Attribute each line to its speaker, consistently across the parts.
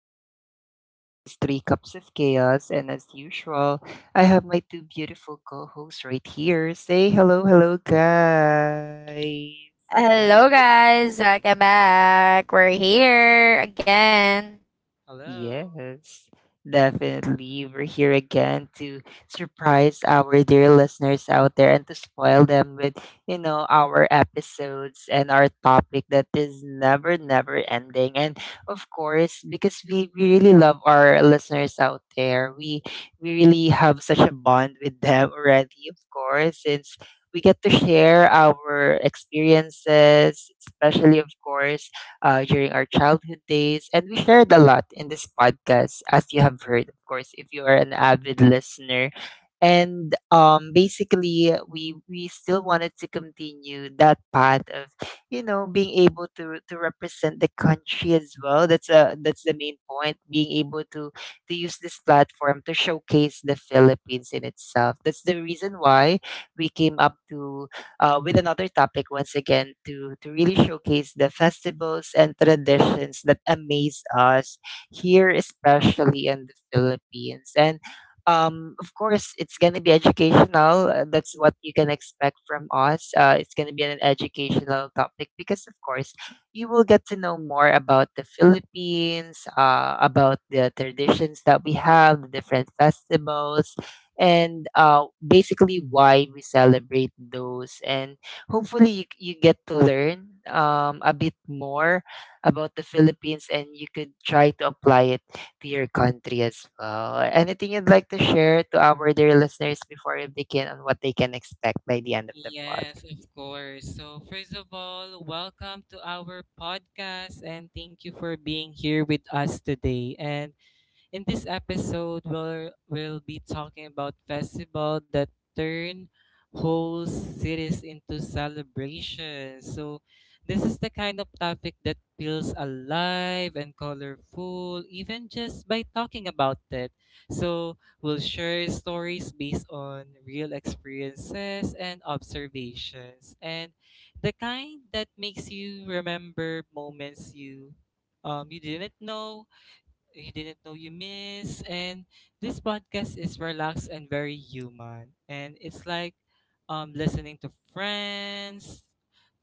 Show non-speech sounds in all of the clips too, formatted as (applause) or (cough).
Speaker 1: podcast. Once again, this is Three Cups of Chaos, and as usual, I have my two beautiful co hosts right here. Say hello, hello, guys.
Speaker 2: Hi, hello.
Speaker 1: Yes, definitely. We're here again to surprise our dear listeners out there and to spoil them with, our episodes and our topic that is never, never ending. And of course, because we really love our listeners out there, we really have such a bond with them already, of course, since we get to share our experiences, especially of course during our childhood days. And we shared a lot in this podcast, as you have heard, of course, if you are an avid listener. And basically, we still wanted to continue that path of, you know, being able to represent the country as well. That's the main point. Being able to use this platform to showcase the Philippines in itself. That's the reason why we came up to with another topic once again to really showcase the festivals and traditions that amaze us here, especially in the Philippines. And of course, it's going to be educational. That's what you can expect from us. It's going to be an educational topic because, of course, you will get to know more about the Philippines, about the traditions that we have, the different festivals, and basically why we celebrate those. And hopefully, you get to learn a bit more about the Philippines and you could try to apply it to your country as well. Anything you'd like to share to our dear listeners before we begin on what they can expect by the end of the
Speaker 2: Yes,
Speaker 1: podcast?
Speaker 2: of course. So, first of all, welcome to our podcast and thank you for being here with us today. And In this episode, we'll be talking about festivals that turn whole cities into celebrations. So, this is the kind of topic that feels alive and colorful, even just by talking about it. So, we'll share stories based on real experiences and observations, and the kind that makes you remember moments you didn't know you miss. And this podcast is relaxed and very human. And it's like listening to friends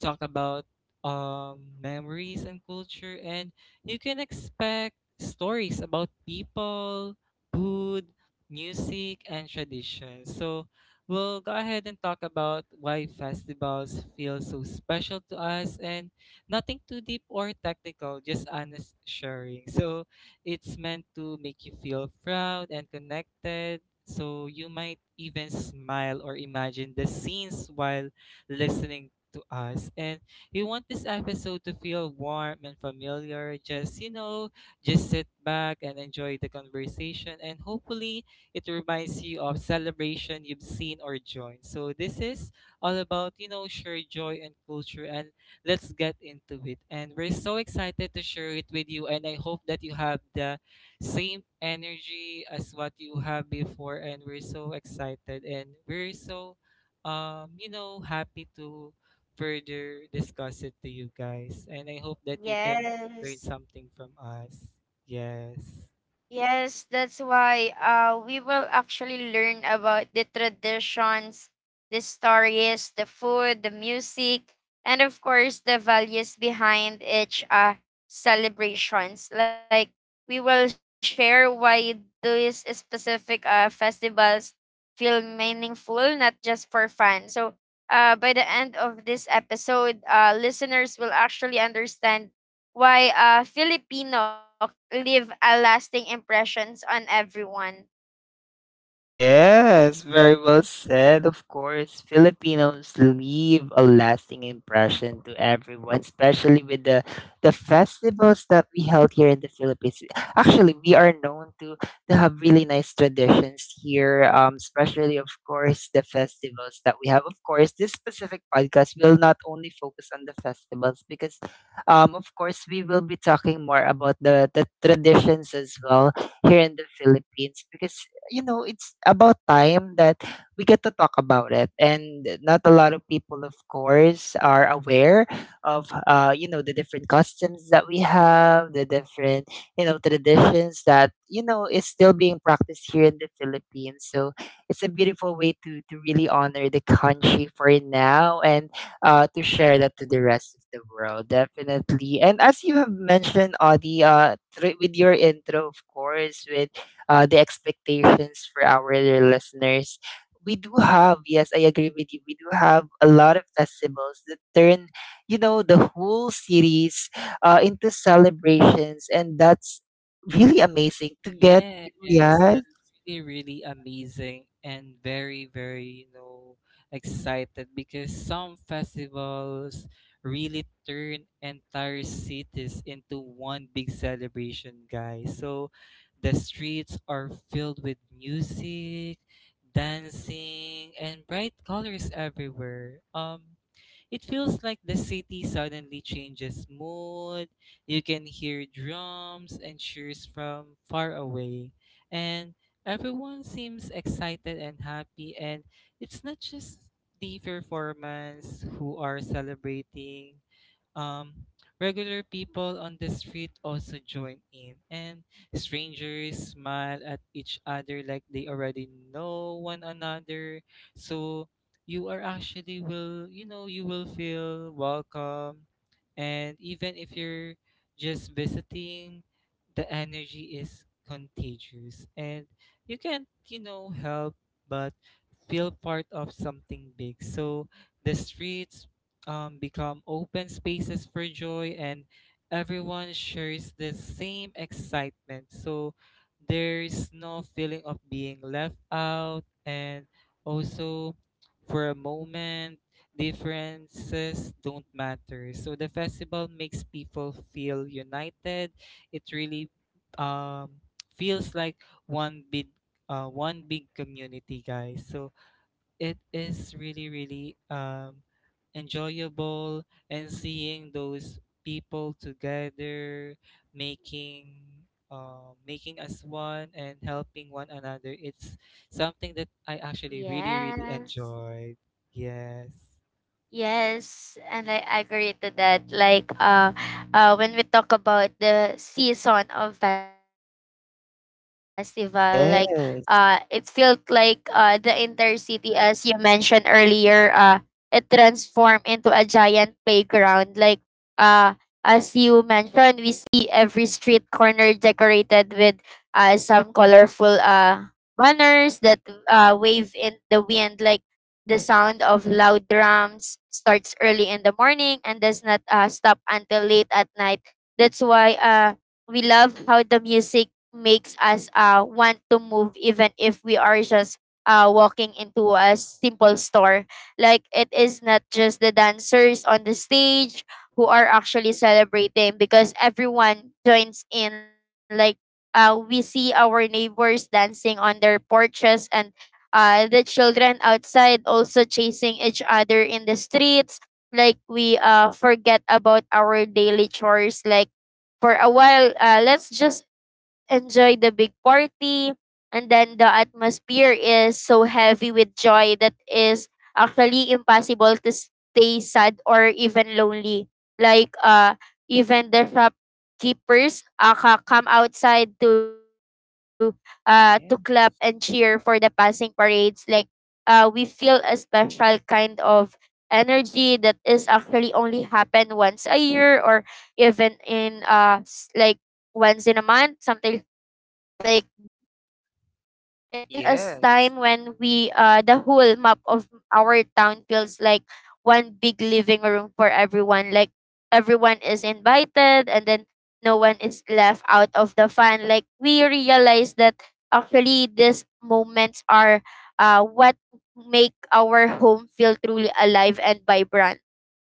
Speaker 2: talk about memories and culture. And you can expect stories about people, food, music, and traditions. So we'll go ahead and talk about why festivals feel so special to us, and nothing too deep or technical, just honest sharing. So it's meant to make you feel proud and connected. So you might even smile or imagine the scenes while listening to us. And you want this episode to feel warm and familiar. Just sit back and enjoy the conversation. And hopefully, it reminds you of celebration you've seen or joined. So this is all about, you know, shared joy and culture, and let's get into it. And we're so excited to share it with you. And I hope that you have the same energy as what you have before. And we're so excited and we're so, you know, happy to further discuss it to you guys. And I hope that you can learn something from us. Yes.
Speaker 1: Yes, very well said. Of course, Filipinos leave a lasting impression to everyone, especially with the festivals that we held here in the Philippines. Actually, we are known to have really nice traditions here, especially of course the festivals that we have. Of course, this specific podcast will not only focus on the festivals because, of course, we will be talking more about the traditions as well here in the Philippines because you know, it's about time that we get to talk about it. And not a lot of people, of course, are aware of, you know, the different customs that we have, the different, you know, traditions that, you know, is still being practiced here in the Philippines. So it's a beautiful way to really honor the country for now and to share that to the rest of the world, definitely. And as you have mentioned, Audie, with your intro, of course, with the expectations for our listeners. We do have, yes, I agree with you. We do have a lot of festivals that turn, you know, the whole series into celebrations, and that's really amazing to get.
Speaker 2: Yes,
Speaker 1: Yeah.
Speaker 2: that's really, really amazing and very, very, you know, excited because some festivals really turn entire cities into one big celebration, guys. So the streets are filled with music, dancing, and bright colors everywhere. It feels like the city suddenly changes mood. You can hear drums and cheers from far away. And everyone seems excited and happy. And it's not just the performance who are celebrating, um, regular people on the street also join in, and strangers smile at each other like they already know one another. So you are actually will, you know, you will feel welcome, and even if you're just visiting, the energy is contagious, and you can't, you know, help but feel part of something big. So the streets become open spaces for joy and everyone shares the same excitement. So there's no feeling of being left out and also for a moment differences don't matter. So the festival makes people feel united. It really um, feels like one big one big community, guys. So it is really really enjoyable and seeing those people together making making us one and helping one another, it's something that I actually really really enjoyed. Yes.
Speaker 1: Yes. Yeah. Yes.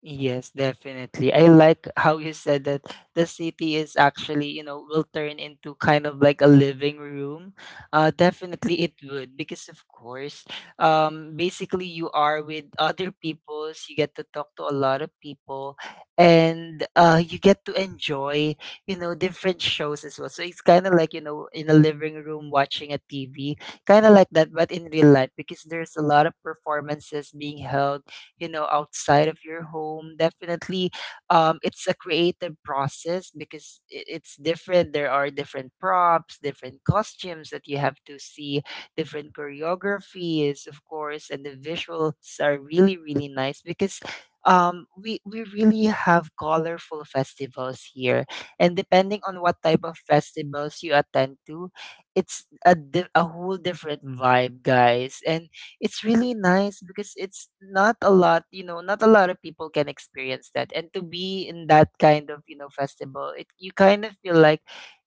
Speaker 1: Yes, definitely. I like how you said that the city is actually, you know, will turn into kind of like a living room. Definitely it would because of course, basically you are with (laughs) other peoples, you get to talk to a lot of people, and you get to enjoy, you know, different shows as well. So it's kind of like you know, in a living room watching a TV, kind of like that, but in real life because there's a lot of performances being held you know outside of your home definitely it's a creative process because it's different, there are different props, different costumes that you have to see, different choreographies of course, and the visuals are really really nice because we really have colorful festivals here and depending on what type of festivals you attend to, it's a whole different vibe, guys. And it's really nice because it's not a lot, you know, not a lot of people can experience that. And to be in that kind of, you know, festival, it you kind of feel like,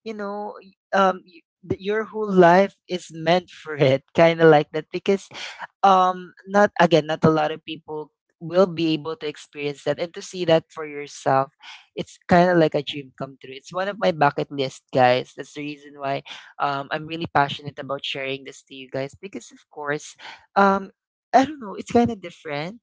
Speaker 1: you know, y- y- th- your whole life is meant for it, kind of like that because not again not a lot of people will be able to experience that, and to see that for yourself, it's kind of like a dream come true. It's one of my bucket list, guys. That's the reason why I'm really passionate about sharing this to you guys because of course, um I don't know, it's kind of different.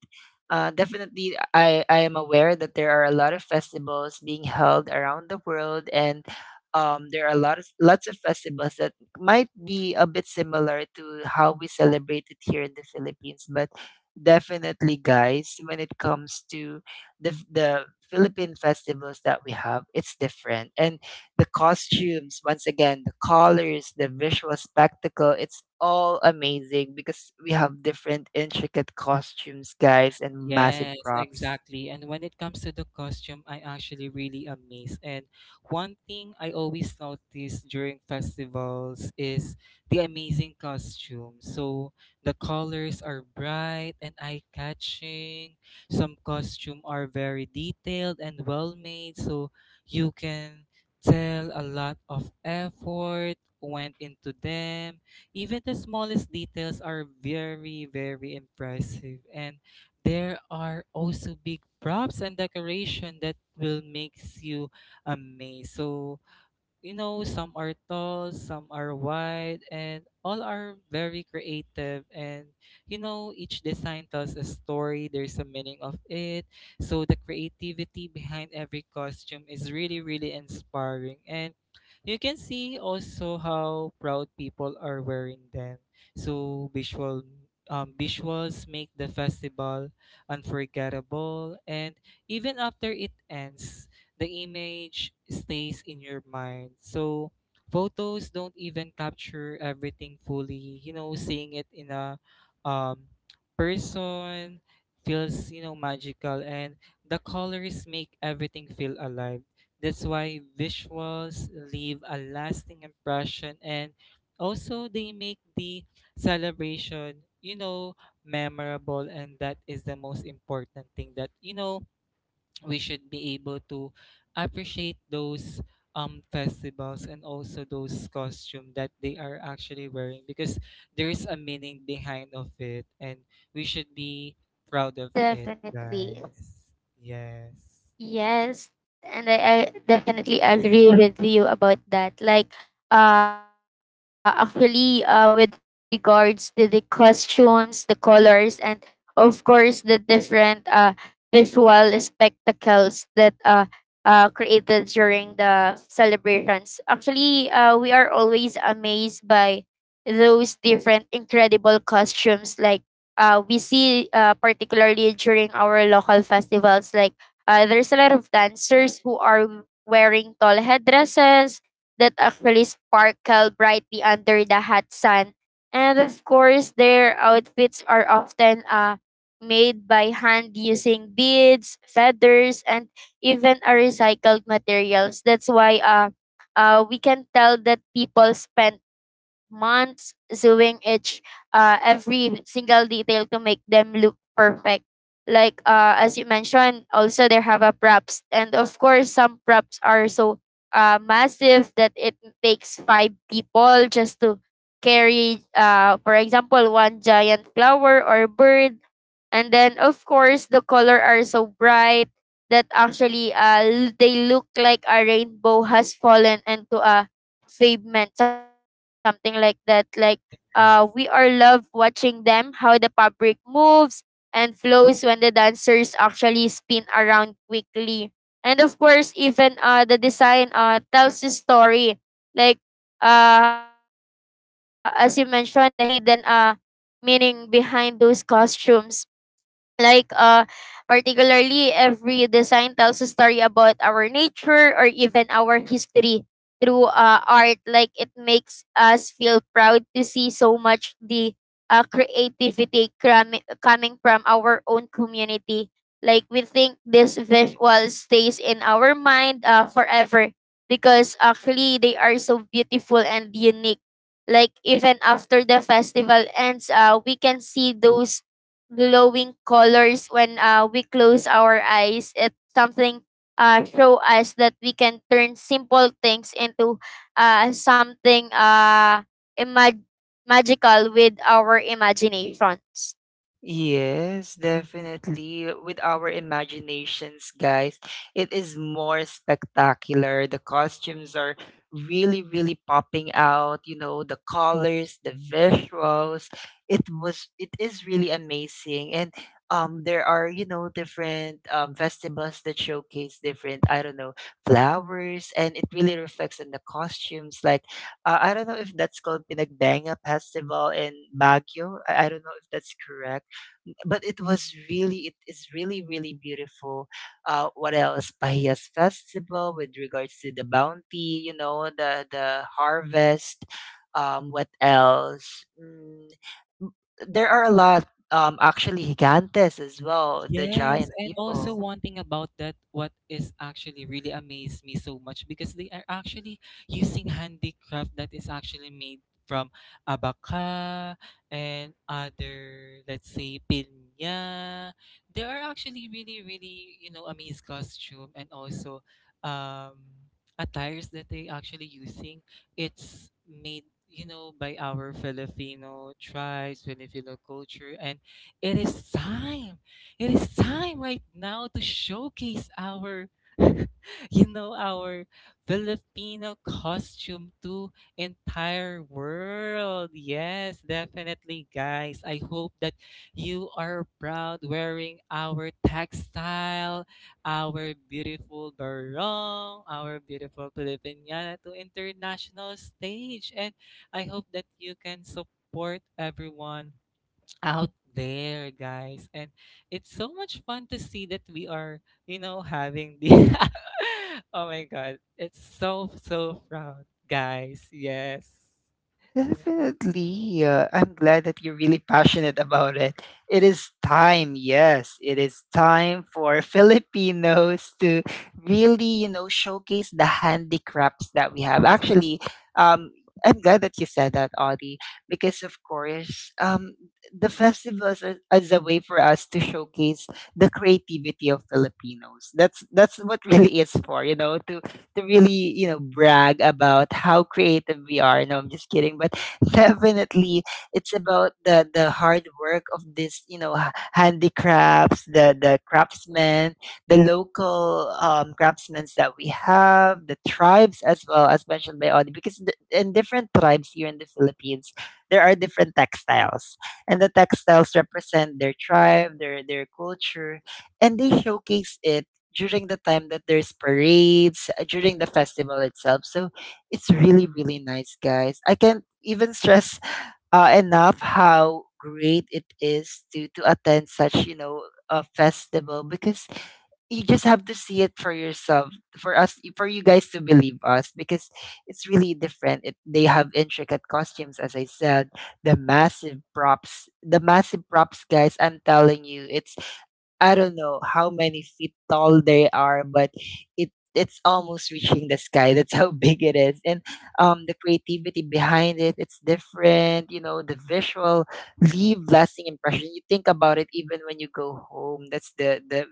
Speaker 1: Definitely, I am aware that there are a lot of festivals being held around the world, and there are a lot of lots of festivals that might be a bit similar to how we celebrate it here in the Philippines, but definitely, guys, when it comes to the Philippine festivals that we have, it's different. And the costumes, once again, the colors, the visual spectacle, it's all amazing because we have different intricate costumes, guys, and massive
Speaker 2: Yes,
Speaker 1: props.
Speaker 2: exactly. And when it comes to the costume, I actually really amazed. And one thing I always notice during festivals is the amazing costume. So the colors are bright and eye-catching. Some costume are very detailed and well-made, so you can tell a lot of effort went into them. Even the smallest details are very, very impressive. And there are also big props and decoration that will makes you amazed. So you know, some are tall, some are wide, and all are very creative. And you know, each design tells a story, there's a meaning of it. So the creativity behind every costume is really, really inspiring. And you can see also how proud people are wearing them. So visuals make the festival unforgettable and even after it ends the image stays in your mind. So photos don't even capture everything fully. You know, seeing it in a um, person feels, you know, magical and the colors make everything feel alive. That's why visuals leave a lasting impression and also they make the celebration, you know, memorable, and that is the most important thing, that you know we should be able to appreciate those festivals and also those costume that they are actually wearing because there is a meaning behind of it, and we should be proud of it, guys. Yes. Yes.
Speaker 1: Yes, definitely. With our imaginations, guys, it is more spectacular. The costumes are really, really popping out. You know, the colors, the visuals. It is really amazing. And there are, you know, different festivals that showcase different, I don't know, flowers, and it really reflects on the costumes. Like, I don't know if that's called Pinagdanga Festival in Baguio. I don't know if that's correct, but it is really really beautiful. What else? Pahias festival, with regards to the bounty, you know, the harvest. What else? M- there are a lot, actually gigantes as well, the
Speaker 2: Yes,
Speaker 1: giant
Speaker 2: and also
Speaker 1: people.
Speaker 2: one thing about that, what is actually really amazed me so much because they are actually using handicraft that is actually made from abaca and other, let's say, pinya. They are actually really, really, you know, amazed costume and also um, attires that they actually using. It's made, you know, by our Filipino tribes, Filipino culture, and it is time it is time right now to showcase our (laughs) you know our Filipino costume to entire world. Yes, definitely guys. I hope that you are proud wearing our textile, our beautiful barong, our beautiful Filipiniana to international stage, and I hope that you can support everyone out there, guys. And it's so much fun to see that we are, you know, having the. (laughs) Oh my God. It's so, so proud, guys. Yes.
Speaker 1: Definitely. I'm glad that you're really passionate about it. It is time, yes. It is time for (laughs) Filipinos to really, you know, showcase the handicrafts that we have. Actually, um, I'm glad that you said that, Audie, because of course, the festivals are, is a way for us to showcase the creativity of Filipinos. That's what (laughs) really is for, you know, to really, you know, brag about how creative we are. No, I'm just kidding. But (laughs) definitely it's about the hard work of this, you know, handicrafts, the craftsmen, the local craftsmen that we have, the tribes as well, as mentioned by Audie, because in different tribes here in the Philippines, there are different textiles. And the textiles represent their tribe, their culture, and they showcase it during the time that there's parades, during the festival itself. So it's really, really nice, guys. I can't even stress (laughs) enough how great it is to attend such you know a festival because you just have to see it for yourself, for us, for you guys to believe us because it's really different. They have intricate costumes, as I said, the massive props, the massive props, guys, I'm telling you, it's I don't know how many feet tall they are, but it's almost reaching the sky. (laughs) That's how big it is. And the creativity behind it, it's different, you know, the visual leave lasting impression. You think about it even when you go home. That's the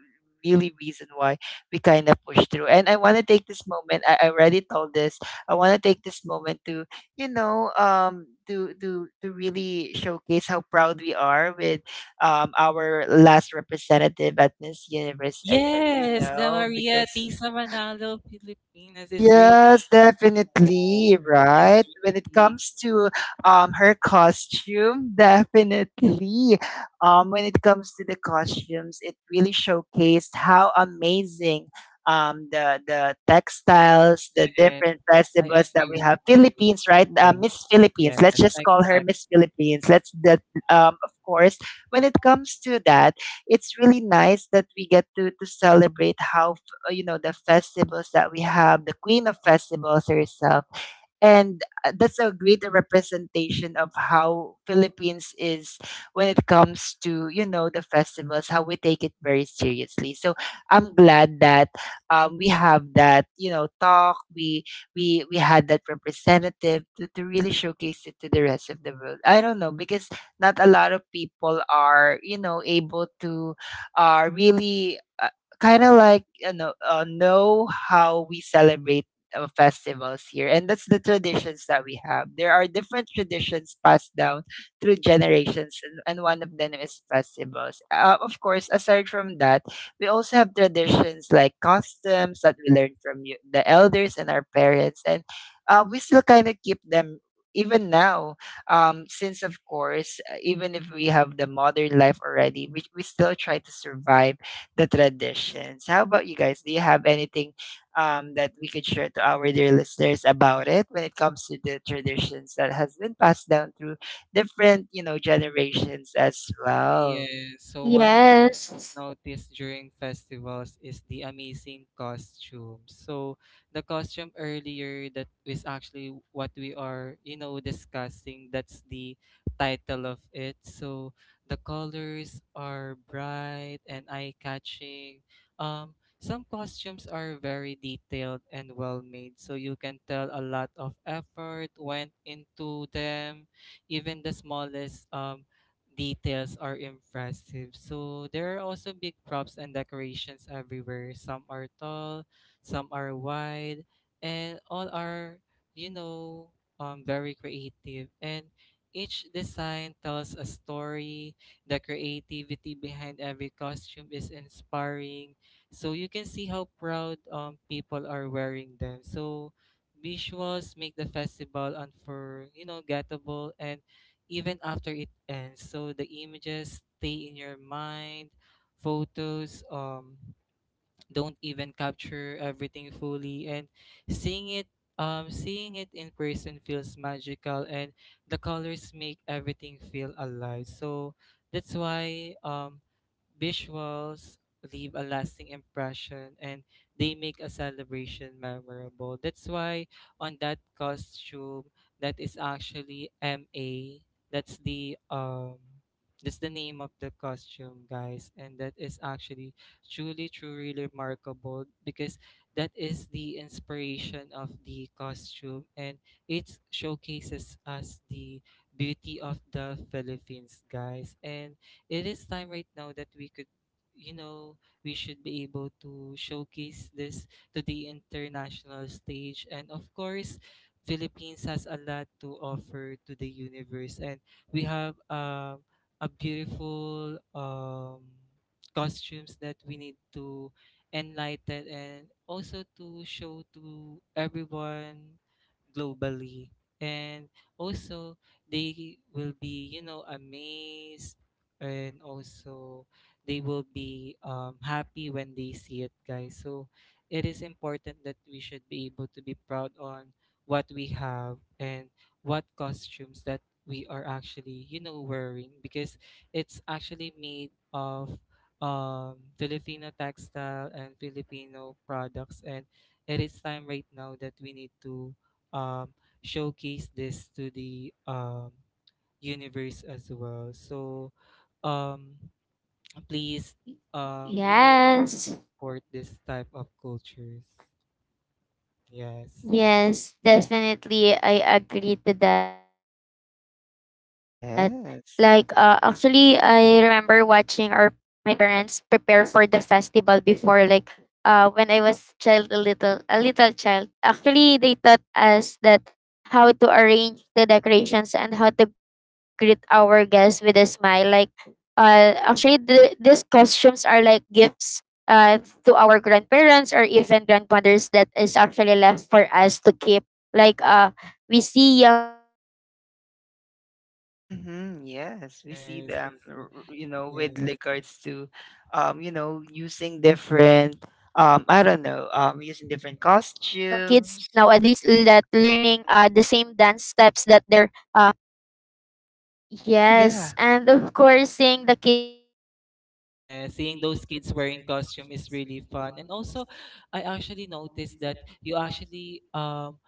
Speaker 1: really reason why we kind of push through. And I want to take this moment. I already told this. I want to take this moment to, you know, to really showcase how proud we are with our last representative at Miss Universe, you
Speaker 2: Yes, the
Speaker 1: know,
Speaker 2: Maria
Speaker 1: because
Speaker 2: Tisa Manalo Filipinas is really
Speaker 1: yes,
Speaker 2: cool.
Speaker 1: definitely,
Speaker 2: She's
Speaker 1: right? When it
Speaker 2: really,
Speaker 1: comes to her costume, (laughs) definitely. When it comes to the costumes, it really showcased how amazing the textiles, the
Speaker 2: yes,
Speaker 1: different
Speaker 2: I
Speaker 1: festivals that
Speaker 2: agree
Speaker 1: we
Speaker 2: with
Speaker 1: have.
Speaker 2: you.
Speaker 1: Philippines, right?
Speaker 2: Yes,
Speaker 1: Miss Philippines.
Speaker 2: yes,
Speaker 1: Let's just call her
Speaker 2: exactly.
Speaker 1: Miss Philippines. Let's that of course, when it comes to that, it's really nice that we get to celebrate how you know the festivals that we have, the queen of festivals herself. And that's a great representation of how Philippines is when it comes to you know the festivals, how we take it very seriously. So I'm glad that we have that you know talk. We had that representative to really showcase it to the rest of the world. I don't know because not a lot of people are you know able to really. Kind of like you know how we celebrate festivals here, and that's the traditions that we have. There are different traditions passed down through generations, and one of them is festivals. Of course, aside from that, we also have traditions like customs that we learn from you, the elders and our parents, and we still kind of keep them even now, since of course even if we have the modern life already, we still try to survive the traditions. How about you guys, do you have anything, that we could share to our dear listeners about it when it comes to the traditions that has been passed down through different, you know, generations as well?
Speaker 2: Yes. So one thing noticed during festivals is the amazing costumes. So the costume earlier that is actually what we are, you know, discussing. That's the title of it. So the colors are bright and eye-catching. Um, some costumes are very detailed and well made, so you can tell a lot of effort went into them. Even the smallest details are impressive. So there are also big props and decorations everywhere. Some are tall, some are wide, and all are, you know, very creative. And each design tells a story. The creativity behind every costume is inspiring. So you can see how proud people are wearing them. So visuals make the festival unfor you know gettable and even after it ends. So the images stay in your mind, photos, don't even capture everything fully and seeing it seeing it in person feels magical and the colors make everything feel alive. So that's why visuals leave a lasting impression and they make a celebration memorable. That's why on that costume that is actually ma that's the um that's the name of the costume, guys, and that is actually truly, truly remarkable because that is the inspiration of the costume and it showcases us the beauty of the Philippines, guys. And it is time right now that we could, you know, we should be able to showcase this to the international stage. And of course, Philippines has a lot to offer to the universe, and we have a beautiful costumes that we need to enlighten and also to show to everyone globally, and also they will be you know amazed, and also they will be happy when they see it, guys. So it is important that we should be able to be proud on what we have, and what costumes that we are actually, you know, wearing because it's actually made of Filipino textile and Filipino products. And it is time right now that we need to um, showcase this to the universe as well. So um, please, you know, support this type of cultures. Yes.
Speaker 1: Yes. Mm-hmm, yes, we see
Speaker 2: Yes,
Speaker 1: them,
Speaker 2: yes, yes.
Speaker 1: you know,
Speaker 2: Yes.
Speaker 1: with regards to, you know, using different, I don't know, using different costumes. Oh yeah.
Speaker 2: Yeah, seeing
Speaker 1: Seeing
Speaker 2: those
Speaker 1: those
Speaker 2: kids
Speaker 1: kids
Speaker 2: wearing
Speaker 1: wearing
Speaker 2: costume
Speaker 1: costumes
Speaker 2: is
Speaker 1: is
Speaker 2: really
Speaker 1: really
Speaker 2: fun. And
Speaker 1: fun.
Speaker 2: also, I actually noticed that you actually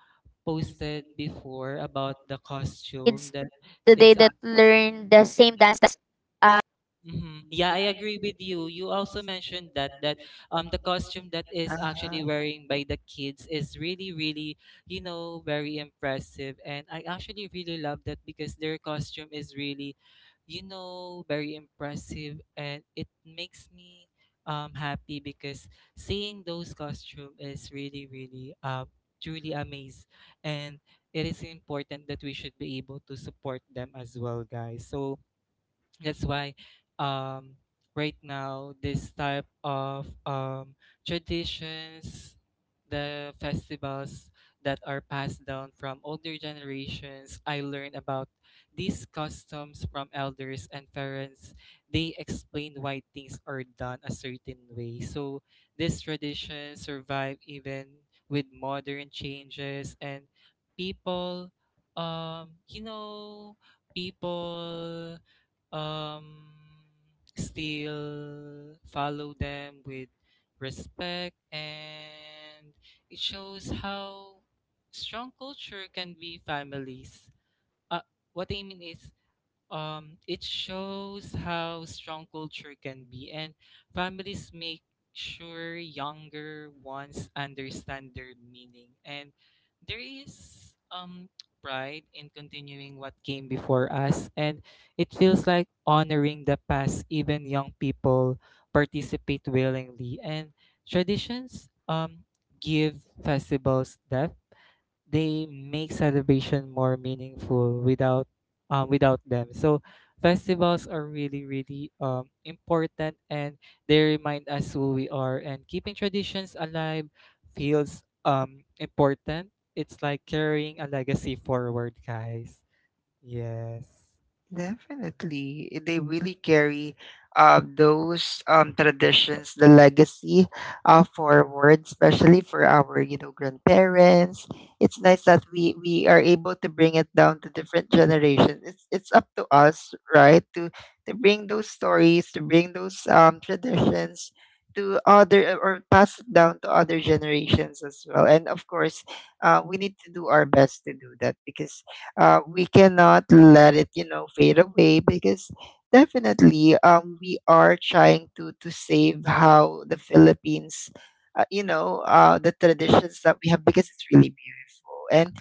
Speaker 2: posted before about the costume that it's actually yummy. Mm-hmm. Yeah, I agree with you. You also mentioned that that
Speaker 1: Um,
Speaker 2: the
Speaker 1: the
Speaker 2: costume that is
Speaker 1: Uh-huh.
Speaker 2: actually wearing by the kids is really really, you know, very impressive, and I actually really love that because their costume is really, you know, very impressive, and it makes me happy because seeing those costume is really really truly amazed, and it is important that we should be able to support them as well, guys. So that's why um right now this type of traditions, the festivals that are passed down from older generations, I learned about these customs from elders and parents. They explain why things are done a certain way, so this tradition survive even with modern changes, and people you know people um still follow them with respect, and it shows how strong culture can be families uh, what I mean is it shows how strong culture can be, and families make sure younger ones understand their meaning. And there is pride in continuing what came before us, and it feels like honoring the past, even young people participate willingly. And traditions give festivals depth, they make celebration more meaningful without without them. So festivals are really really important and they remind us who we are, and keeping traditions alive feels important. It's like carrying a legacy forward, guys. Yes.
Speaker 1: Definitely. They really carry those traditions, the legacy, forward, especially for our, you know, grandparents. It's nice that we are able to bring it down to different generations. It's up to us, right, to bring those stories, to bring those traditions to other, or pass it down to other generations as well. And of course, we need to do our best to do that, because we cannot let it, you know, fade away. Because definitely, we are trying to save how the Philippines, you know, the traditions that we have, because it's really beautiful. And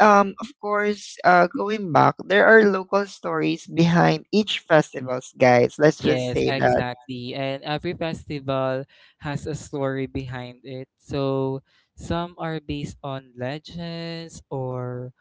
Speaker 1: of course, going back, there are local stories behind each festivals, guys. Let's just
Speaker 2: Yes,
Speaker 1: say that.
Speaker 2: exactly. And every festival has a story behind it. So some are based on legends or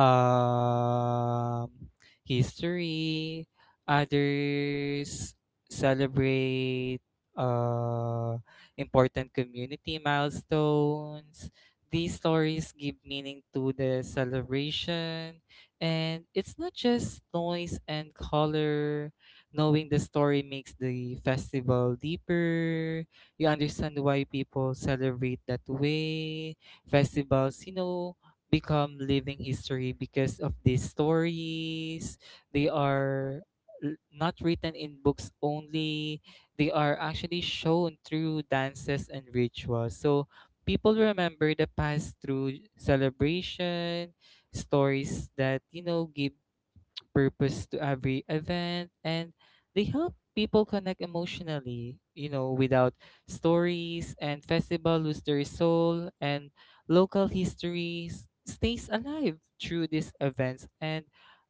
Speaker 2: um, history. Others celebrate uh, important community milestones. These stories give meaning to the celebration, and it's not just noise and color. Knowing the story makes the festival deeper. You understand why people celebrate that way. Festivals, become living history because of these stories. They are not written in books only. They are actually shown through dances and rituals. So people remember the past through celebration, stories that give purpose to every event, and they help people connect emotionally. Without stories, and festival lose their soul, and local histories stays alive through these events. And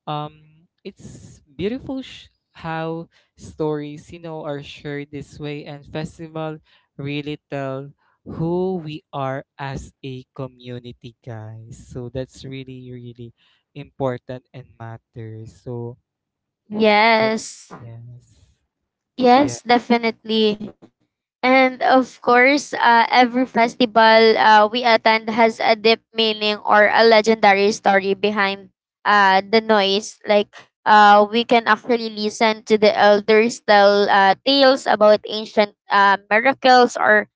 Speaker 2: it's beautiful how stories are shared this way, and festival really tell who we are as a community, guys. So that's really, really important and matters. So yep.
Speaker 3: Yes,
Speaker 2: Yes. Yeah.
Speaker 3: yes, definitely. And of course, every festival we attend has a deep meaning or a legendary story behind the noise. Like, we can actually listen to the elders tell tales about ancient miracles or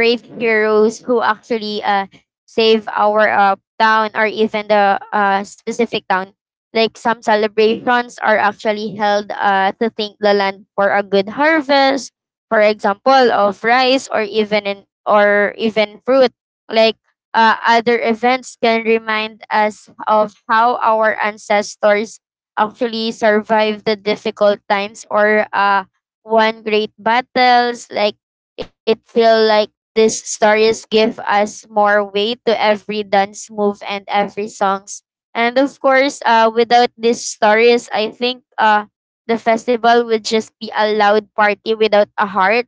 Speaker 3: brave heroes who actually save our town or even the specific town like some celebrations are actually held to thank the land for a good harvest, for example, of rice or even or even fruit. Like other events can remind us of how our ancestors actually survived the difficult times or won great battles. Like it feel like these stories give us more weight to every dance move and every songs. And of course, without these stories, I think the festival would just be a loud party without a heart.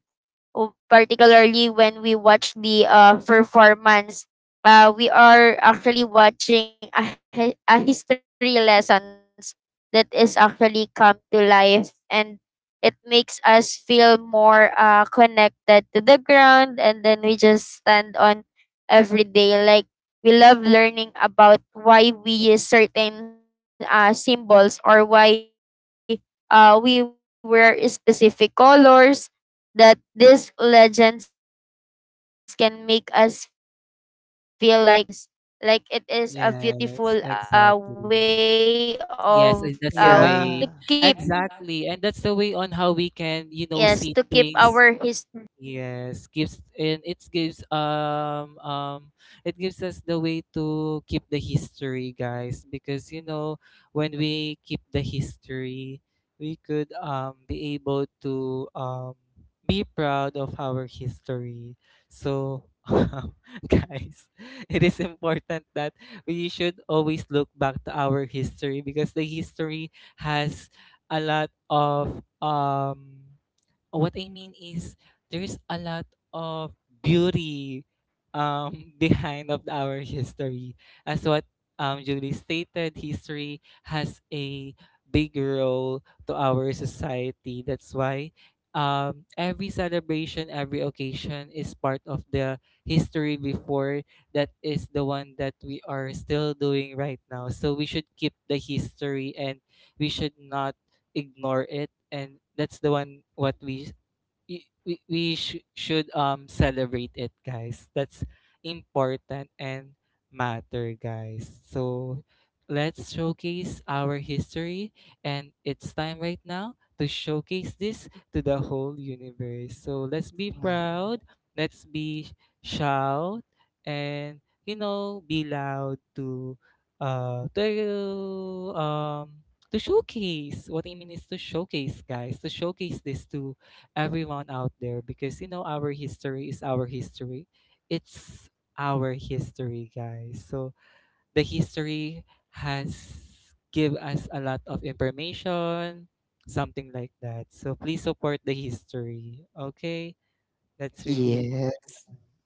Speaker 3: Particularly when we watch the performance. We are actually watching a, a history lessons that is actually come to life, and it makes us feel more connected to the ground and then we just stand on every day. Like we love learning about why we use certain symbols or why we wear specific colors, that these legends can make us feel like we are part of a much bigger and older stories.
Speaker 2: Yes,
Speaker 3: Like it is
Speaker 2: exactly.
Speaker 3: a beautiful
Speaker 2: Yes, and that's
Speaker 3: way
Speaker 2: the way.
Speaker 3: of to
Speaker 2: Exactly.
Speaker 3: keep
Speaker 2: And that's the way on how we can, you know,
Speaker 3: yes
Speaker 2: see
Speaker 3: to keep
Speaker 2: things.
Speaker 3: our history. (laughs)
Speaker 2: Yes, gives and it gives us the way to keep the history, guys, because you know when we keep the history, we could be able to be proud of our history. So, (laughs) um, guys, it is important that we should always look back to our history because the history has a lot of um, what I mean is, there's a lot of beauty (laughs) behind of our history. As what Julie stated, history has a big role to our society. That's why every celebration, every occasion is part of the history before that is the one that we are still doing right now. So we should keep the history and we should not ignore it, and that's the one what we we should celebrate it, guys. That's important and matter, guys. So let's showcase our history, and it's time right now to showcase this to the whole universe. So let's be
Speaker 1: Yeah.
Speaker 2: proud, let's be shout, and you know be loud to uh to um to showcase. What I mean is to showcase, guys, to showcase this to everyone out there, because you know our history is our history. It's our history, guys. So the history has give us a lot of information, something like that. So please support the history. Okay? That's really
Speaker 1: Yes.
Speaker 2: important.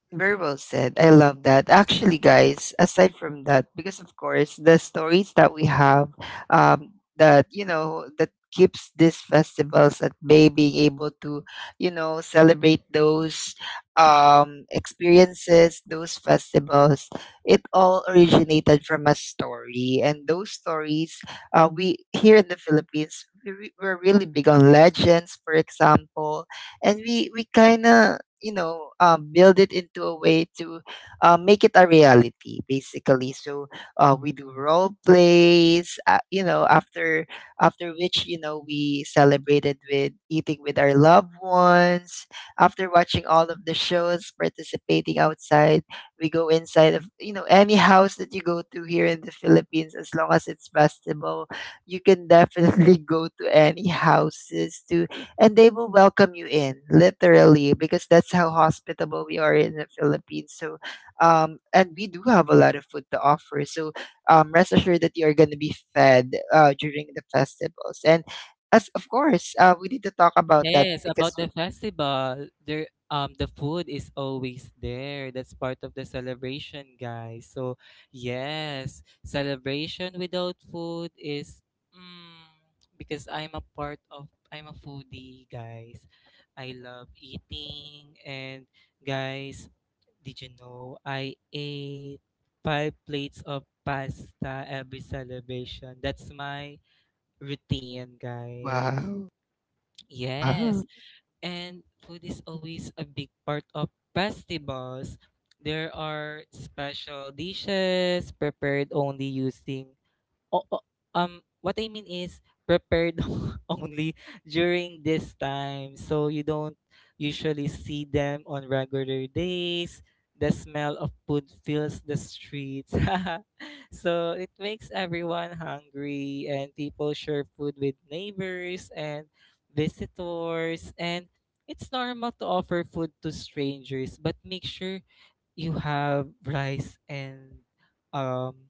Speaker 1: Very well said. I love that. Actually, guys, aside from that, because of course the stories that we have, that, you know, that keeps these festivals at bay, being able to, you know, celebrate those experiences, those festivals. It all originated from a story, and those stories, we here in the Philippines, we're really big on legends, for example, and we kind of, you know, build it into a way to make it a reality basically. So we do role plays, you know, after which, you know, we celebrated with eating with our loved ones, after watching all of the shows, participating outside. We go inside of, you know, any house that you go to here in the Philippines. As long as it's festival, you can definitely (laughs) go to any houses to, and they will welcome you in literally, because that's how hospitable we are in the Philippines. So and we do have a lot of food to offer. So rest assured that you're going to be fed during the festivals. And as of course we need to talk about that
Speaker 2: Yes,
Speaker 1: because.
Speaker 2: about the festival, there the food is always there. That's part of the celebration, guys. So, yes, celebration without food is mm, because I'm a part of I'm a foodie, guys. I love eating and guys, did you know I ate 5 plates of pasta every celebration? That's my routine, guys.
Speaker 1: Wow. Wow.
Speaker 2: Yes. And food is always a big part of festivals. There are special dishes prepared only using o- o- what I mean is prepared (laughs) only during this time. So you don't usually see them on regular days. The smell of food fills the streets. (laughs) so it makes everyone hungry, and people share food with neighbors and visitors, and it's normal to offer food to strangers, but make sure you have rice and um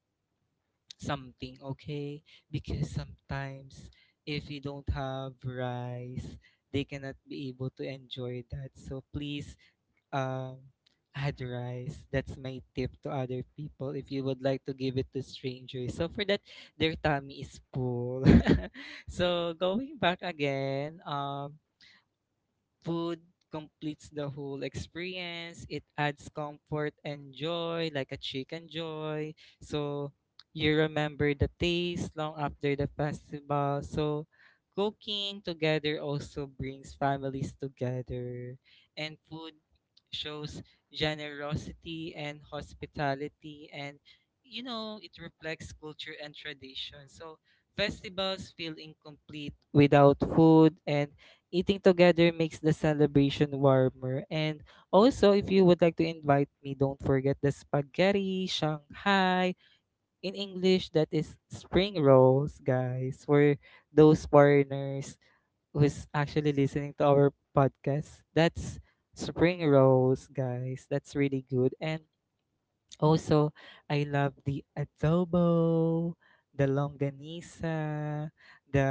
Speaker 2: something, okay? Because sometimes if you don't have rice, they cannot be able to enjoy that. So please um add rice. That's my tip to other people if you would like to give it to strangers, so for that their tummy is full. (laughs) so going back again, food completes the whole experience. It adds comfort and joy, like a chicken joy. So you remember the taste long after the festival. So cooking together also brings families together, and food shows generosity and hospitality, and you know it reflects culture and tradition. So festivals feel incomplete without food, and eating together makes the celebration warmer. And also, if you would like to invite me, don't forget the spaghetti, Shanghai. In English, that is spring rolls, guys, for those foreigners who's actually listening to our podcast. That's spring rolls, guys. That's really good. And also, I love the adobo, the longanisa,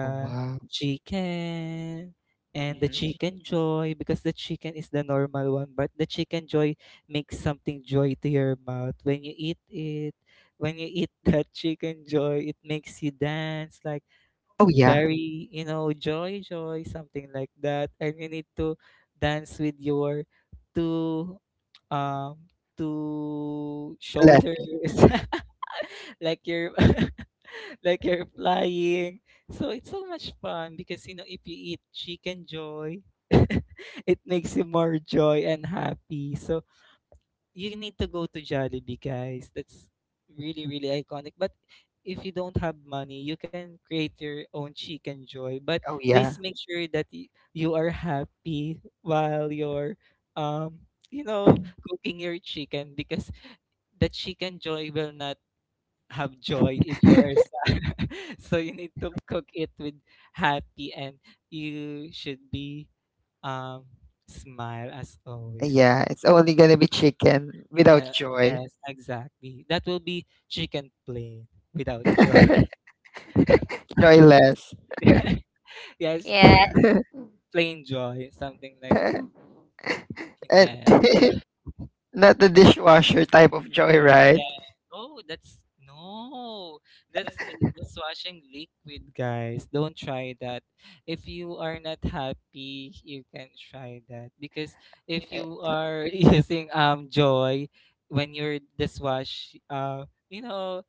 Speaker 1: Oh wow.
Speaker 2: chicken, and the
Speaker 1: Mhm.
Speaker 2: chicken joy, because the chicken is the normal one, but the chicken joy makes something joy to your mouth when you eat it. When you eat (laughs) that chicken joy, it makes you dance like
Speaker 1: Oh yeah.
Speaker 2: very, joy joy, something like that, and you need to dance with your two um two shoulders
Speaker 1: Lefty.
Speaker 2: (laughs) like you're (laughs) like you're flying. So it's so much fun, because you know if you eat chicken joy, (laughs) it makes you more joy and happy. So you need to go to Jollibee, guys. That's really, really iconic. But if you don't have money, you can create your own chicken joy. But
Speaker 1: Oh
Speaker 2: please
Speaker 1: yeah.
Speaker 2: make sure that you are happy while you're, you know, cooking your chicken, because the chicken joy will not have joy if you're
Speaker 1: (laughs)
Speaker 2: sad. (laughs) so you need to cook it with happy and you should be um smile as always.
Speaker 1: Yeah, it's only going to be chicken without
Speaker 2: Yeah.
Speaker 1: joy.
Speaker 2: Yes, exactly. That will be chicken plain without joy.
Speaker 1: (laughs) Joyless.
Speaker 2: (laughs) Yes,
Speaker 3: Like,
Speaker 1: (laughs)
Speaker 2: (laughs) plain
Speaker 3: yeah.
Speaker 2: joy, something like that.
Speaker 1: And.
Speaker 2: Yeah.
Speaker 1: (laughs) Not the dishwasher type of joy, right?
Speaker 2: Yeah. Oh, that's no. That's that's washing liquid, guys. Don't try that. If you are not happy, you can try that, because if
Speaker 1: Eh,
Speaker 2: you are (laughs) using joy when you're dishwash, you know,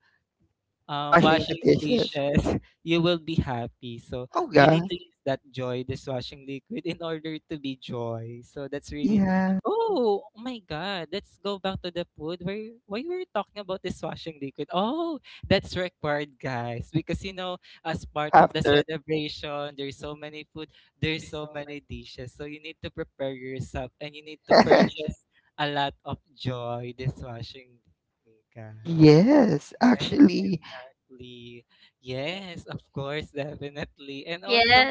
Speaker 1: Washing the
Speaker 2: washing
Speaker 1: dishes.
Speaker 2: dishes, (laughs) you will be happy. So
Speaker 1: Oh
Speaker 2: you need
Speaker 1: God,
Speaker 2: to use that joy dishwashing liquid in order to be joy. So that's really,
Speaker 1: yeah.
Speaker 2: oh, oh my God, let's go back to the food. Why were you talking about dishwashing liquid? Oh, that's required, guys. Because, you know, as part of the
Speaker 1: After.
Speaker 2: celebration, there's so many food, there's so many dishes. So you need to prepare yourself and you need to
Speaker 1: (laughs)
Speaker 2: purchase a lot of joy dishwashing liquid, guys.
Speaker 1: Yes,
Speaker 2: Yes,
Speaker 1: actually. (laughs)
Speaker 2: exactly. Yes, of course, definitely. And also,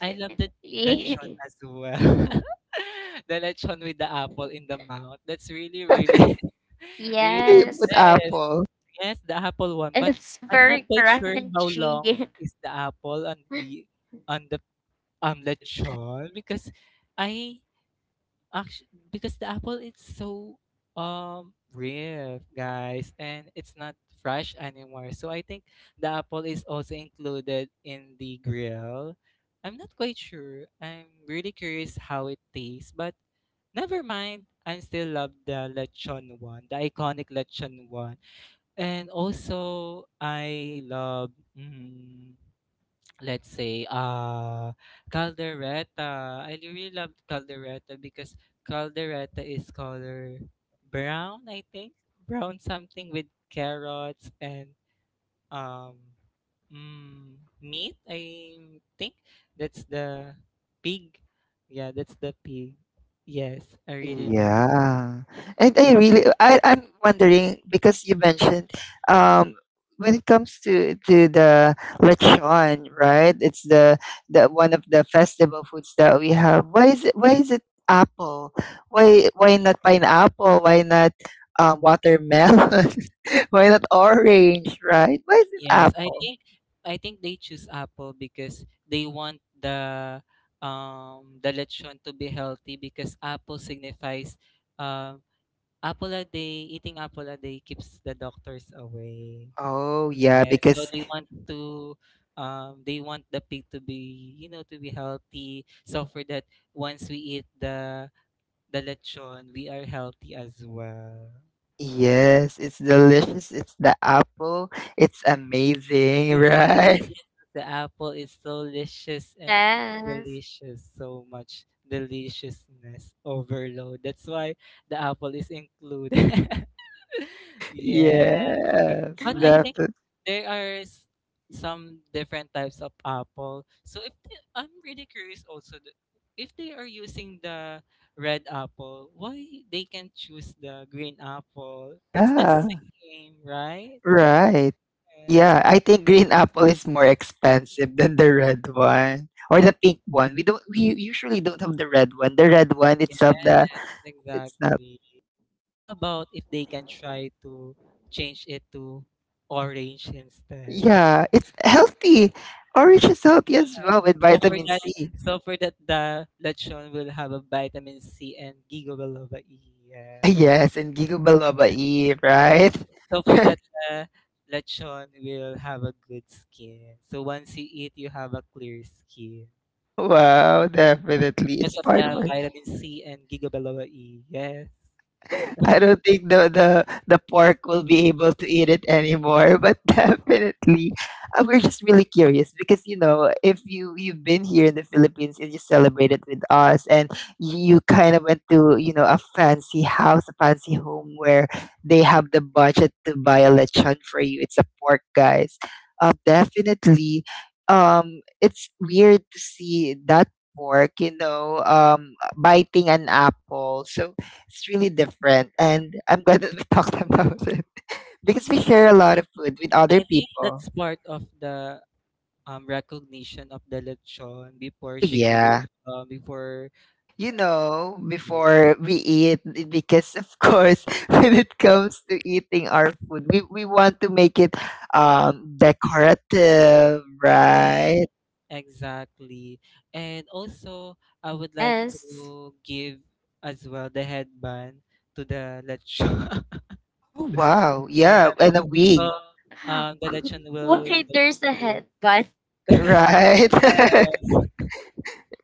Speaker 2: I love the
Speaker 3: Yes,
Speaker 2: lechon as
Speaker 3: definitely.
Speaker 2: well.
Speaker 3: (laughs)
Speaker 2: (laughs) the lechon with the apple in the mouth. That's really, really, (laughs)
Speaker 1: Why do
Speaker 2: really,
Speaker 1: you put
Speaker 2: yes,
Speaker 1: apple?
Speaker 2: yes, the
Speaker 3: Yes,
Speaker 2: apple one. But
Speaker 3: it's
Speaker 2: I'm not
Speaker 3: very
Speaker 2: quite sure how long
Speaker 3: crunchy.
Speaker 2: is the apple
Speaker 3: (laughs)
Speaker 2: on the lechon, because I actually, because the apple is so rare, guys, and it's not fresh anymore. So I think the apple is also included in the grill. I'm not quite sure. I'm really curious how it tastes, but never mind. I still love the lechon one, the iconic lechon one, and also I love. Mm, let's say caldereta. I really love caldereta, because caldereta is color brown, I think, brown something with carrots and um mm, meat, I think that's the pig, yeah, that's the pig. Yes, I really love.
Speaker 1: Yeah. And I really, I'm wondering because you mentioned, um when it comes to the lechon, right? It's the one of the festival foods that we have. Why is it apple? Why not pineapple? Why not watermelon? (laughs) Why not orange, right? Why is it
Speaker 2: Yes,
Speaker 1: apple?
Speaker 2: I think they choose apple because they want the lechon to be healthy, because apple signifies um apple a day, eating apple a day keeps the doctors away.
Speaker 1: Oh yeah,
Speaker 2: Yes, so
Speaker 1: because
Speaker 2: they want to they want the pig to be, you know, to be healthy, so for that once we eat the lechon we are healthy as well.
Speaker 1: yes, it's delicious. It's the apple. It's amazing, (laughs)
Speaker 2: Raisin
Speaker 1: right?
Speaker 2: delicious. The apple is so delicious and delicious. So much
Speaker 3: Yes.
Speaker 2: deliciousness overload. That's why the apple is included. (laughs) yeah.
Speaker 1: Yes,
Speaker 2: But I think
Speaker 1: defi
Speaker 2: there are
Speaker 3: (gasps)
Speaker 2: some different types of apple. So if they, I'm really curious also if they are using the red apple, why they can choose the green apple? It's the
Speaker 1: Yeah,
Speaker 2: same, right?
Speaker 1: right. Yeah,
Speaker 2: Yes.
Speaker 1: I think green apple is more expensive than the red one or the pink one. We usually don't have the red one. The red one itself
Speaker 2: Yes,
Speaker 1: the It's not.
Speaker 2: exactly. How about if they can try to change it to orange instead?
Speaker 1: Yeah, it's healthy. Orange is healthy
Speaker 2: Yeah.
Speaker 1: as well with
Speaker 2: So for
Speaker 1: vitamin
Speaker 2: that,
Speaker 1: C.
Speaker 2: so for that, the lechon will have a vitamin C and giga biloba E.
Speaker 1: Yeah, (laughs)
Speaker 2: Yeah.
Speaker 1: yes, and giga biloba E,
Speaker 2: Yes.
Speaker 1: right?
Speaker 2: So for
Speaker 1: (laughs)
Speaker 2: that, the lechon will have a good skin. So once you eat, you have a clear skin
Speaker 1: Wow, definitely.
Speaker 2: because
Speaker 1: It's
Speaker 2: of
Speaker 1: part of
Speaker 2: the
Speaker 1: it.
Speaker 2: vitamin C and giga biloba E. Yes.
Speaker 1: (laughs)
Speaker 2: (laughs)
Speaker 1: I don't think the pork will be able to eat it anymore. But (laughs) definitely, we're just really curious because, you know, if you've been here in the Philippines and you celebrated with us, and you kind of went to, you know, a fancy house, a fancy home, where they have the budget to buy a lechon for you. It's a pork, guys. Definitely, it's weird to see that pork, you know, biting an apple. So it's really different. And I'm glad that we (laughs) talked about it, because we share a lot of food with other
Speaker 2: I think
Speaker 1: people.
Speaker 2: that's part of the recognition of the lechon before
Speaker 1: Oh,
Speaker 2: she grew
Speaker 1: yeah.
Speaker 2: before
Speaker 1: You
Speaker 2: uh,
Speaker 1: know,
Speaker 2: she grew.
Speaker 1: before we eat, because of course, (laughs) when it comes to eating our food, we want to make it decorative,
Speaker 2: Yeah,
Speaker 1: right?
Speaker 2: exactly. And also I would like to give
Speaker 3: Yes.
Speaker 2: as well the headband to the lechon. (laughs)
Speaker 1: Oh, wow.
Speaker 2: Yes, I
Speaker 1: Yeah. And
Speaker 2: think
Speaker 1: a wig,
Speaker 2: so.
Speaker 3: (gasps)
Speaker 2: The lechon
Speaker 3: Why
Speaker 2: will
Speaker 3: there's
Speaker 2: look
Speaker 3: a headband?
Speaker 2: good.
Speaker 1: right?
Speaker 2: (laughs)
Speaker 1: (laughs)
Speaker 2: Yes.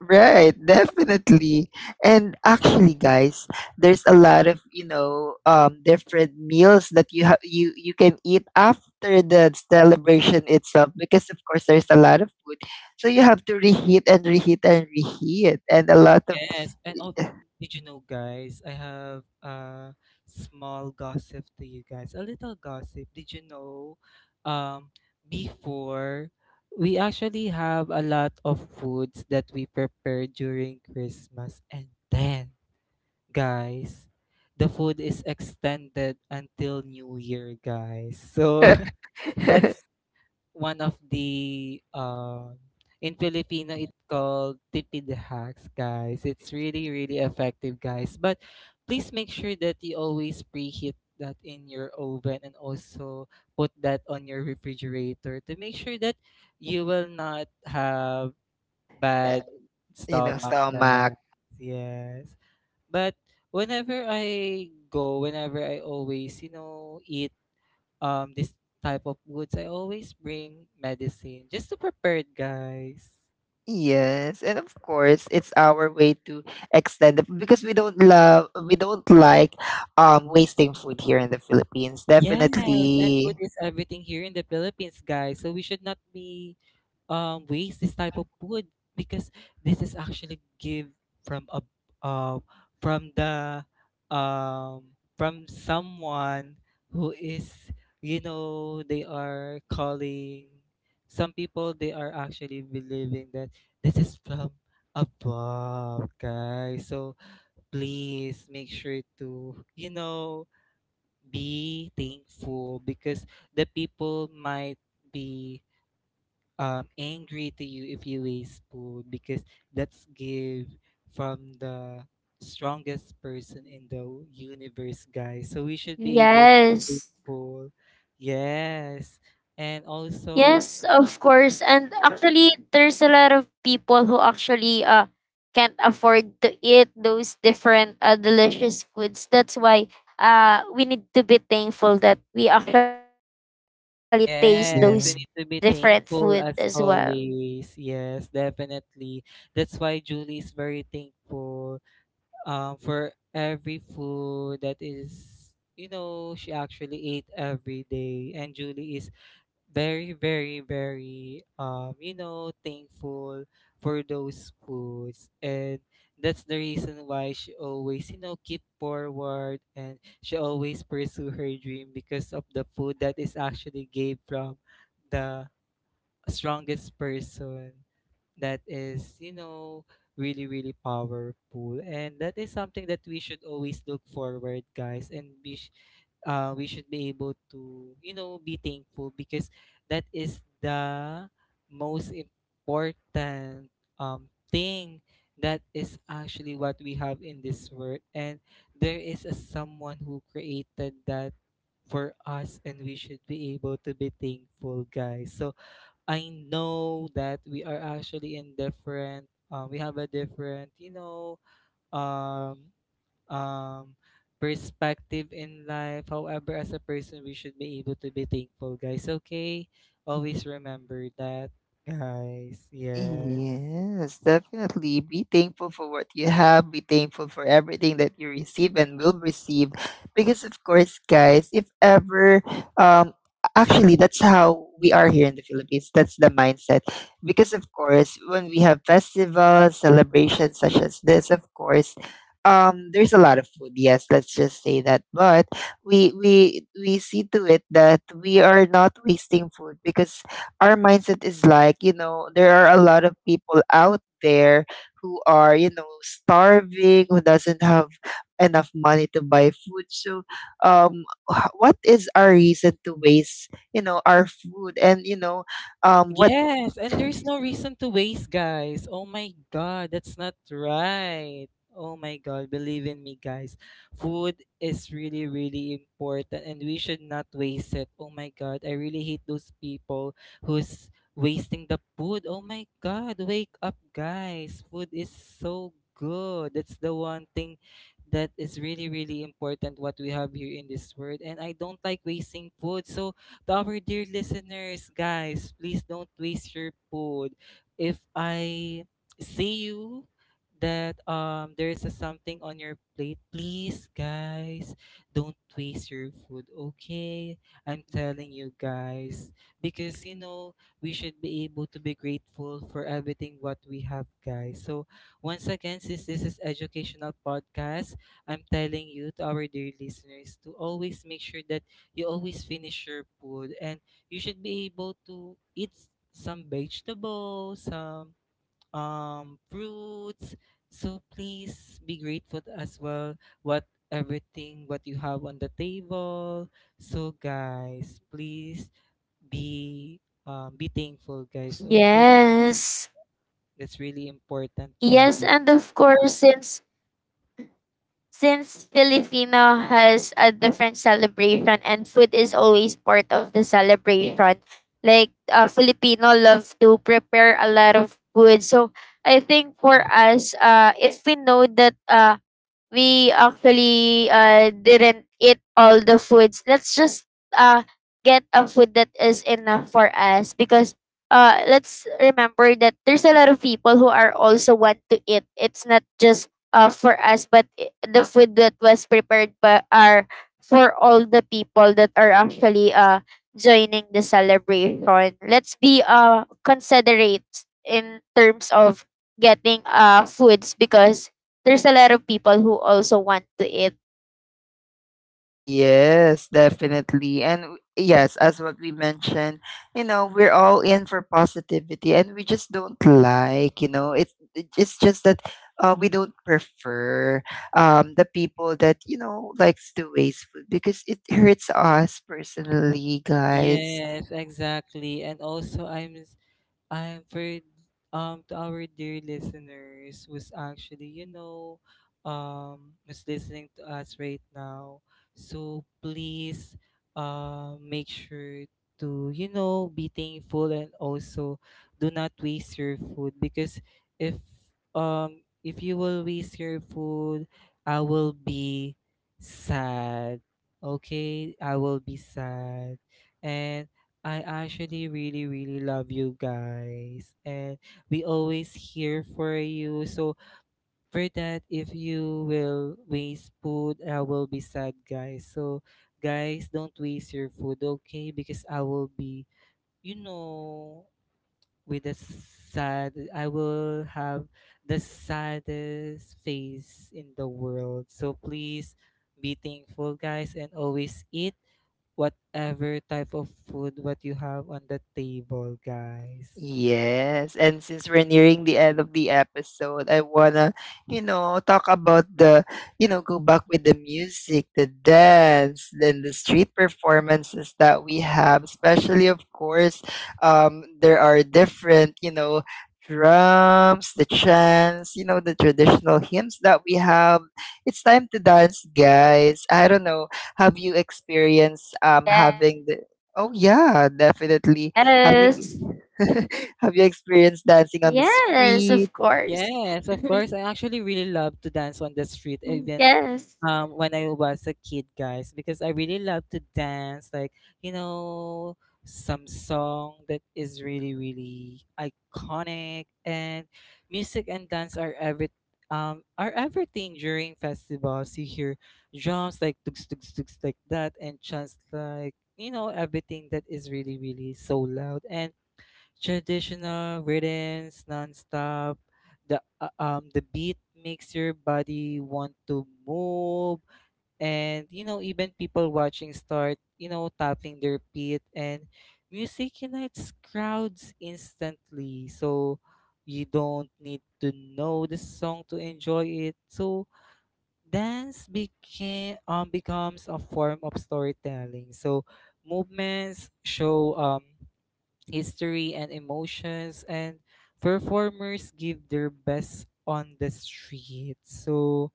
Speaker 1: Right, definitely. And actually guys, there's a lot of, you know, different meals that you have, you can eat after the celebration itself, because of course there's a lot of food. So you have to reheat and reheat and reheat, and a lot of
Speaker 2: Yes. And oh, did you know, guys? I have a small gossip to you guys. A little gossip. Did you know? Um, before we actually have a lot of foods that we prepare during Christmas, and then, guys, the food is extended until New Year, guys. So
Speaker 1: (laughs)
Speaker 2: (laughs) that's one of the in Filipino it's called tipid hacks, guys. It's really, really effective, guys. But please make sure that you always preheat that in your oven and also put that on your refrigerator to make sure that you will not have bad
Speaker 1: you know,
Speaker 2: stomach,
Speaker 1: stomach.
Speaker 2: guys. Yes. But whenever I go, whenever I always, you know, eat this type of woods, I always bring medicine just to prepare it, guys.
Speaker 1: Yes, and of course, it's our way to extend it because we don't like wasting food here in the Philippines.
Speaker 2: Yes, and
Speaker 1: Definitely.
Speaker 2: food is everything here in the Philippines, guys. So we should not be waste this type of food because this is actually give from a uh, from the from someone who is, they are calling. Some people, they are actually believing that this is from above, guys. So please make sure to, be thankful because the people might be angry to you if you waste food because that's give from the strongest person in the universe, guys. So we should be able to be
Speaker 3: Yes.
Speaker 2: thankful. Yes, and also,
Speaker 3: Yes, of course. And actually, there's a lot of people who actually can't afford to eat those different delicious foods. That's why we need to be thankful that we actually
Speaker 1: Oh.
Speaker 3: taste
Speaker 2: yes, we
Speaker 3: those
Speaker 2: need to be
Speaker 3: different
Speaker 2: thankful
Speaker 3: food
Speaker 2: as
Speaker 3: as well.
Speaker 2: always. Yes, definitely. That's why Julie is very thankful for every food that is, she actually ate every day. And Julie is very, very, very thankful for those foods. And that's the reason why she always, keep forward, and she always pursue her dream because of the food that is actually gave from the strongest person that is, really, really powerful. And that is something that we should always look forward, guys, and we should be able to, be thankful because that is the most important thing that is actually what we have in this world. And there is a someone who created that for us, and we should be able to be thankful, guys. So I know that we are actually in different we have a different, um um perspective in life. However, as a person, we should be able to be thankful, guys. Okay? Always remember that, guys. Yes.
Speaker 1: Yes, definitely. Be thankful for what you have. Be thankful for everything that you receive and will receive. Because, of course, guys, if ever, um, actually, that's how we are here in the Philippines. That's the mindset. Because, of course, when we have festivals, celebrations such as this, of course, there's a lot of food. Yes, let's just say that. But we see to it that we are not wasting food, because our mindset is like, you know, there are a lot of people out there who are, you know, starving, who doesn't have enough money to buy food. So, um, what is our reason to waste, you know, our food? And, you know, what.
Speaker 2: Yes, and there's no reason to waste, guys. Oh my god, that's not right. Oh my god, believe in me, guys. Food is really, really important, and we should not waste it. Oh my god, I really hate those people who's wasting the food. Oh my god, wake up, guys. Food is so good. That's the one thing that is really, really important what we have here in this world. And I don't like wasting food. So to our dear listeners, guys, please don't waste your food. If I see you that there is a something on your plate, please, guys, don't waste your food, okay? I'm telling you, guys, because, we should be able to be grateful for everything what we have, guys. So once again, since this is educational podcast, I'm telling you to our dear listeners to always make sure that you always finish your food, and you should be able to eat some vegetables, some fruits. So please be grateful as well, what everything what you have on the table. So, guys, please be be thankful, guys. Okay?
Speaker 3: Yes.
Speaker 2: That's really important,
Speaker 3: Yes,
Speaker 2: guys.
Speaker 3: and of course, since Filipino has a different celebration and food is always part of the celebration, like Filipino love to prepare a lot of food. So I think for us, if we know that we actually didn't eat all the foods. Let's just uh, get a food that is enough for us because let's remember that there's a lot of people who are also want to eat. It's not just for us, but the food that was prepared by are for all the people that are actually joining the celebration. Let's be considerate in terms of getting foods because there's a lot of people who also want to eat.
Speaker 1: Yes, definitely. And yes, as what we mentioned, you know, we're all in for positivity, and we just don't like, you know, it's just that, we don't prefer the people that, you know, likes to waste food because it hurts us personally, guys.
Speaker 2: Yes, exactly. And also, I'm for to our dear listeners who's actually, who's listening to us right now. So please make sure to, be thankful, and also do not waste your food because if if you will waste your food, I will be sad. Okay? I will be sad. And I actually really, really love you, guys. And we always here for you. So for that, if you will waste food, I will be sad, guys. So, guys, don't waste your food, okay? Because I will be, you know, with a sad, I will have the saddest face in the world. So please be thankful, guys, and always eat whatever type of food what you have on the table, guys.
Speaker 1: Yes, and since we're nearing the end of the episode, I wanna, you know, talk about the, you know, go back with the music, the dance, then the street performances that we have, especially of course, there are different, you know, drums, the chants, you know, the traditional hymns that we have. It's time to dance, guys. I don't know, have you experienced having the.
Speaker 3: Yes.
Speaker 1: Oh yeah, definitely. Have you?
Speaker 3: Yes, of
Speaker 1: (laughs) Have you
Speaker 3: course.
Speaker 1: experienced
Speaker 3: (laughs)
Speaker 1: dancing on the street?
Speaker 2: Yes, of course. I actually really love to
Speaker 3: Yes.
Speaker 2: dance on the street, even when I was a kid, guys, because I really love to dance, like, you know, some song that is really, really iconic. And music and dance are every are everything during festivals. You hear drums like tugs tugs tugs like that, and chants, like, everything that is really, really so loud, and traditional rhythms nonstop. The the beat makes your body want to move, and, even people watching start, tapping their feet. And music unites crowds instantly, so you don't need to know the song to enjoy it. So dance became becomes a form of storytelling. So movements show history, and emotions, and performers give their best on the street. So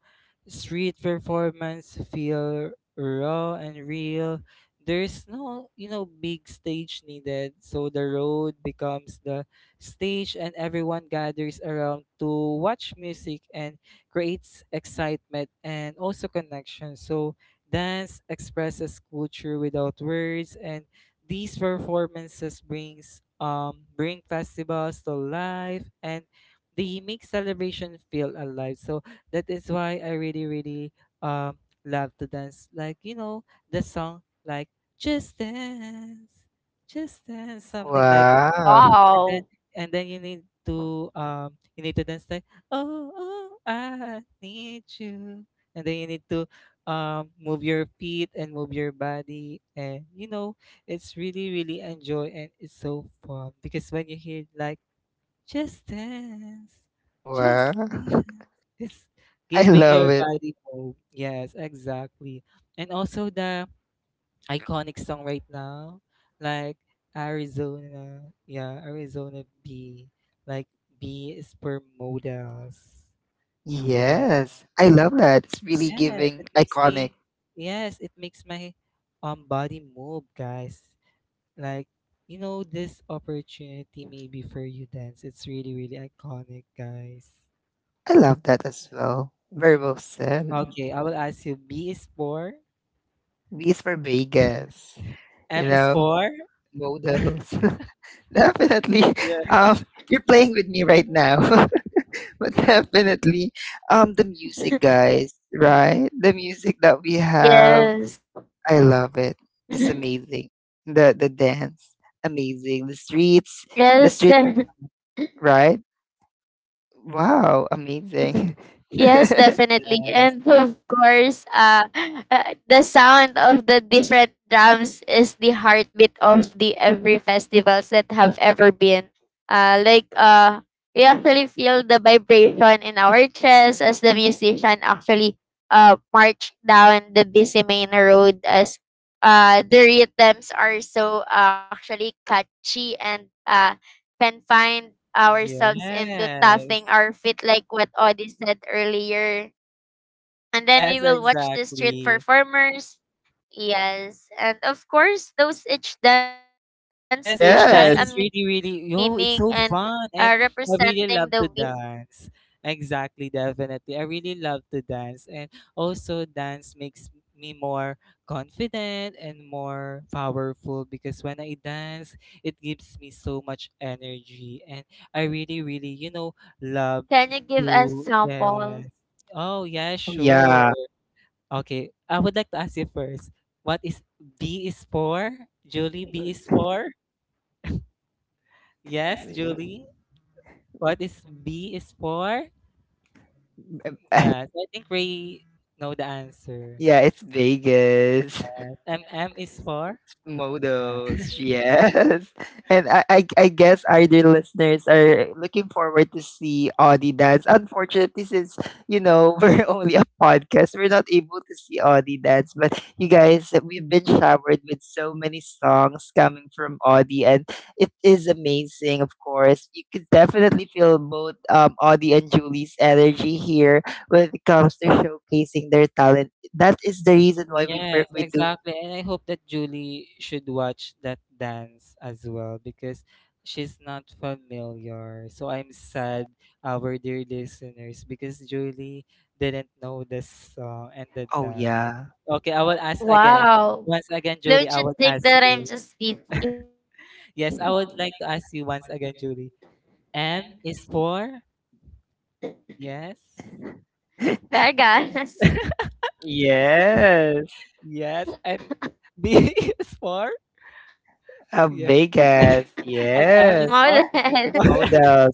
Speaker 2: street performance feel raw and real. There's no, big stage needed. So the road becomes the stage, and everyone gathers around to watch music, and creates excitement and also connection. So dance expresses culture without words, and these performances bring festivals to life, and they make celebration feel alive. So that is why I really, really um love to dance. Like, the song like just dance, just dance, something like that.
Speaker 1: Wow.
Speaker 2: and then
Speaker 3: Wow.
Speaker 2: and then you need to dance like, oh oh, I need you. And then you need to move your feet and move your body, and, it's really really enjoy, and it's so fun because when you hear like just dance
Speaker 1: Wow.
Speaker 2: just
Speaker 1: (laughs)
Speaker 2: dance, it's
Speaker 1: I
Speaker 2: giving your
Speaker 1: love it.
Speaker 2: body hope. Yes, exactly. And also the iconic song right now, like Arizona. Yeah, Arizona B. Like, B is per modals. Yeah.
Speaker 1: Yes. I love that. It's really
Speaker 2: Yes,
Speaker 1: giving
Speaker 2: it makes me.
Speaker 1: iconic.
Speaker 2: Yes, it makes my body move, guys. Like, this opportunity maybe for you dance. It's really really iconic, guys.
Speaker 1: I love that as well. Very well said.
Speaker 2: Okay, I will ask you. B is for.
Speaker 1: V is for Vegas.
Speaker 2: M
Speaker 1: You
Speaker 2: is
Speaker 1: know?
Speaker 2: for.
Speaker 1: Models. (laughs) Definitely. (laughs)
Speaker 2: Yeah.
Speaker 1: Um you're playing with me right now. (laughs) But definitely. The music, guys, right? The music that we have, I
Speaker 3: Yes.
Speaker 1: love it. It's amazing. The
Speaker 3: (laughs)
Speaker 1: dance, amazing. The streets, the
Speaker 3: Yes.
Speaker 1: street,
Speaker 3: (laughs)
Speaker 1: right? Wow, amazing.
Speaker 3: Yes,
Speaker 1: (laughs)
Speaker 3: definitely.
Speaker 2: Yes.
Speaker 3: And of course, the sound of the different drums is the heartbeat of the every festivals that have ever been. Like we actually feel the vibration in our chest as the musician actually march down the busy main road as the rhythms are so actually catchy and can find ourselves into
Speaker 2: Yes.
Speaker 3: tapping our feet like what Audie said earlier. And
Speaker 2: Yes,
Speaker 3: then we will watch the
Speaker 2: exactly.
Speaker 3: street performers. Yes. And of course, those each dance move
Speaker 2: Yes,
Speaker 3: has
Speaker 2: each
Speaker 3: a
Speaker 2: dance is
Speaker 1: Yes.
Speaker 3: meaning
Speaker 2: really,
Speaker 3: and
Speaker 2: really, yo, it's so fun.
Speaker 3: representing
Speaker 2: And
Speaker 3: the week.
Speaker 2: I really love to dance. Exactly, definitely. I really love to dance. And also, dance makes me more confident and more powerful because when I dance, it gives me so much energy. And I really, really, love
Speaker 3: Can you give us
Speaker 2: to, yes.
Speaker 3: sample?
Speaker 2: Oh, yeah,
Speaker 1: Oh,
Speaker 2: sure.
Speaker 1: yeah.
Speaker 2: Okay, I would like to ask you first. What is B is for? Julie, B is for? Yes, Julie. What is B is for? Yes, I think Ray know the
Speaker 1: (laughs)
Speaker 2: answer.
Speaker 1: Yeah, it's Vegas. (laughs)
Speaker 2: Yes. M is for? Uh,
Speaker 1: Modos, yes. (laughs) And I guess our dear listeners are looking forward to see Audie dance. Unfortunately, since, you know, (laughs) we're only a podcast, we're not able to see Audie dance. But you guys, we've been showered with so many songs coming from Audie, and it is amazing, of course. You could definitely feel both, Audie and Julie's energy here when it comes to showcasing their talent. That is the reason why
Speaker 2: Yes,
Speaker 1: we do.
Speaker 2: exactly. And I hope that Julie should watch that dance as well because she's not familiar. So I'm sad, our dear listeners, because Julie didn't know the song and the
Speaker 1: Oh,
Speaker 2: dance.
Speaker 1: yeah.
Speaker 2: Okay, I
Speaker 1: Y
Speaker 2: will ask again.
Speaker 3: Wow.
Speaker 2: Once again, Julie, I will
Speaker 3: Don't you
Speaker 2: ask
Speaker 3: think
Speaker 2: you.
Speaker 3: that I'm just busy? (laughs)
Speaker 2: Yes, I would like to ask you once again, Julie. M is for? Yes.
Speaker 1: (laughs)
Speaker 3: Vegas.
Speaker 2: (laughs)
Speaker 1: Yeah, well, I. Yes,
Speaker 2: Yes. And B (laughs) is for?
Speaker 1: of
Speaker 2: Yes.
Speaker 1: Vegas,
Speaker 2: And
Speaker 3: (laughs)
Speaker 2: M
Speaker 1: yes,
Speaker 2: is
Speaker 3: Model.
Speaker 2: for?
Speaker 1: (laughs)
Speaker 2: (laughs)
Speaker 1: model.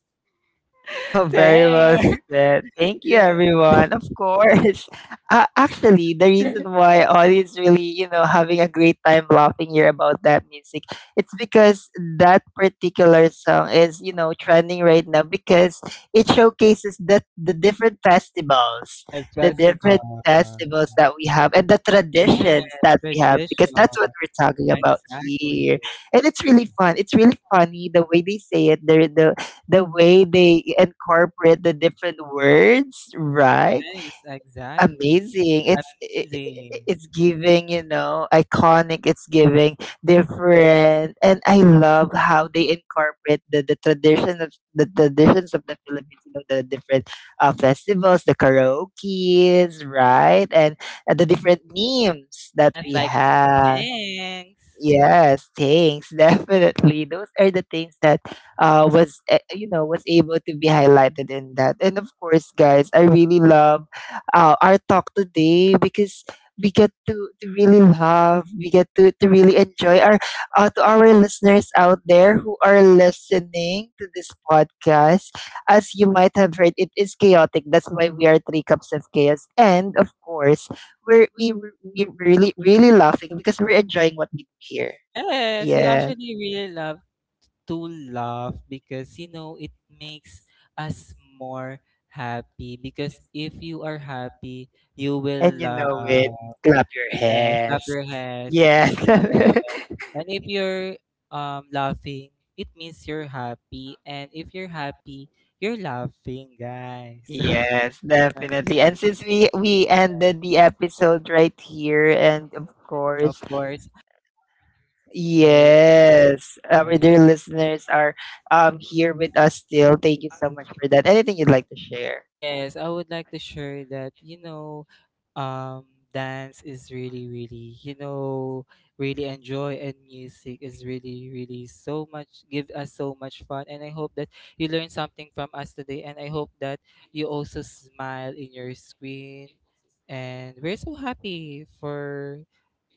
Speaker 1: Oh, very well
Speaker 2: Dang.
Speaker 1: said.
Speaker 2: (laughs)
Speaker 1: Thank you,
Speaker 2: Yes.
Speaker 1: everyone. Of course. (laughs) Actually, the reason
Speaker 3: (laughs)
Speaker 1: why Ollie is really, you know, having a great time laughing here about that music, it's because that particular song is, you know, trending right now, because it showcases the different festivals,
Speaker 2: Yes,
Speaker 1: the
Speaker 2: festival.
Speaker 1: different festivals that we have and the traditions
Speaker 2: Yes,
Speaker 1: that we have, because that's
Speaker 2: traditional.
Speaker 1: what we're talking about
Speaker 2: Exactly.
Speaker 1: here. And it's really fun, it's really funny the way they say it, the way they incorporate the different words, right?
Speaker 2: Yes, exactly.
Speaker 1: Amazing. It's I-
Speaker 2: Amazing.
Speaker 1: It's giving, you know, iconic, it's giving different. And I love how they incorporate the tradition of the traditions of the Philippines, you know, the different festivals, the karaoke's, right? And the different memes that
Speaker 2: Yes,
Speaker 1: we
Speaker 2: like,
Speaker 1: have.
Speaker 2: thanks.
Speaker 1: Yes, thanks. (laughs) Definitely. Those are the things that was you know was able to be highlighted in that. And of course, guys, I really love our talk today, because we get to really love, we get to really enjoy our, to our listeners out there who are listening to this podcast. As you might have heard, it is chaotic. That's why we are Three Cups of Chaos. And of course, we're we we're really really laughing because we're enjoying what we do here.
Speaker 2: Yes, we
Speaker 1: Yeah,
Speaker 2: actually really love to laugh because, it makes us more happy. Because if you are happy, you will
Speaker 1: and you
Speaker 2: laugh.
Speaker 1: know it. Clap your
Speaker 2: Yes, clap
Speaker 1: hands.
Speaker 2: your hands.
Speaker 1: Yes.
Speaker 2: Yes.
Speaker 1: (laughs)
Speaker 2: And if you're laughing, it means you're happy. And if you're happy, you're laughing, guys. (laughs)
Speaker 1: Yes,
Speaker 2: That's
Speaker 1: definitely. And
Speaker 2: really,
Speaker 1: since we ended the episode right here, and of
Speaker 2: of
Speaker 1: course,
Speaker 2: course, honor.
Speaker 1: yes, our dear listeners are here with us still. Thank you so much for that. Anything you'd like to share?
Speaker 2: Yes, I would like to share that, um, dance is really, really, really enjoy, and music is really, really so much, give us so much fun. And I hope that you learned something from us today. And I hope that you also smile in your screen. And we're so happy for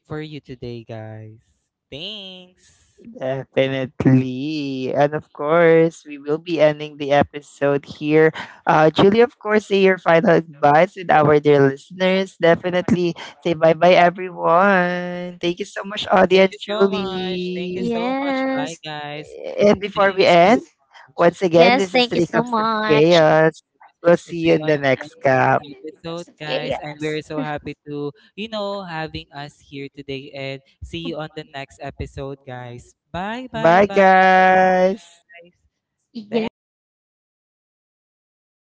Speaker 2: you today, guys. Thanks.
Speaker 1: Definitely. And of course, we will be ending the episode here. Julie, of course, say your final advice with our dear listeners. Definitely say bye bye, everyone. Thank you so much,
Speaker 2: Yes,
Speaker 1: Audie
Speaker 2: thank
Speaker 1: and
Speaker 2: you so much. Thank you
Speaker 1: Julie.
Speaker 2: so much. Bye,
Speaker 3: Yes.
Speaker 2: guys.
Speaker 1: And
Speaker 2: Thank
Speaker 1: before we
Speaker 3: Yes,
Speaker 2: you
Speaker 3: thank
Speaker 2: so
Speaker 1: end,
Speaker 3: you so
Speaker 2: much.
Speaker 1: once
Speaker 3: much.
Speaker 1: again, this is Three Cups of Chaos. We'll see you
Speaker 2: See you
Speaker 1: in
Speaker 2: on
Speaker 1: the
Speaker 3: Yeah,
Speaker 2: the
Speaker 1: next
Speaker 2: next
Speaker 1: cup.
Speaker 3: yes.
Speaker 2: episode,
Speaker 3: (laughs)
Speaker 2: guys, and we're so happy to, having us here today. And see you on the next episode, guys. Bye, bye,
Speaker 1: Bye,
Speaker 2: bye.
Speaker 1: guys.
Speaker 3: Yes. Bye.
Speaker 2: Thanks.
Speaker 3: Thanks.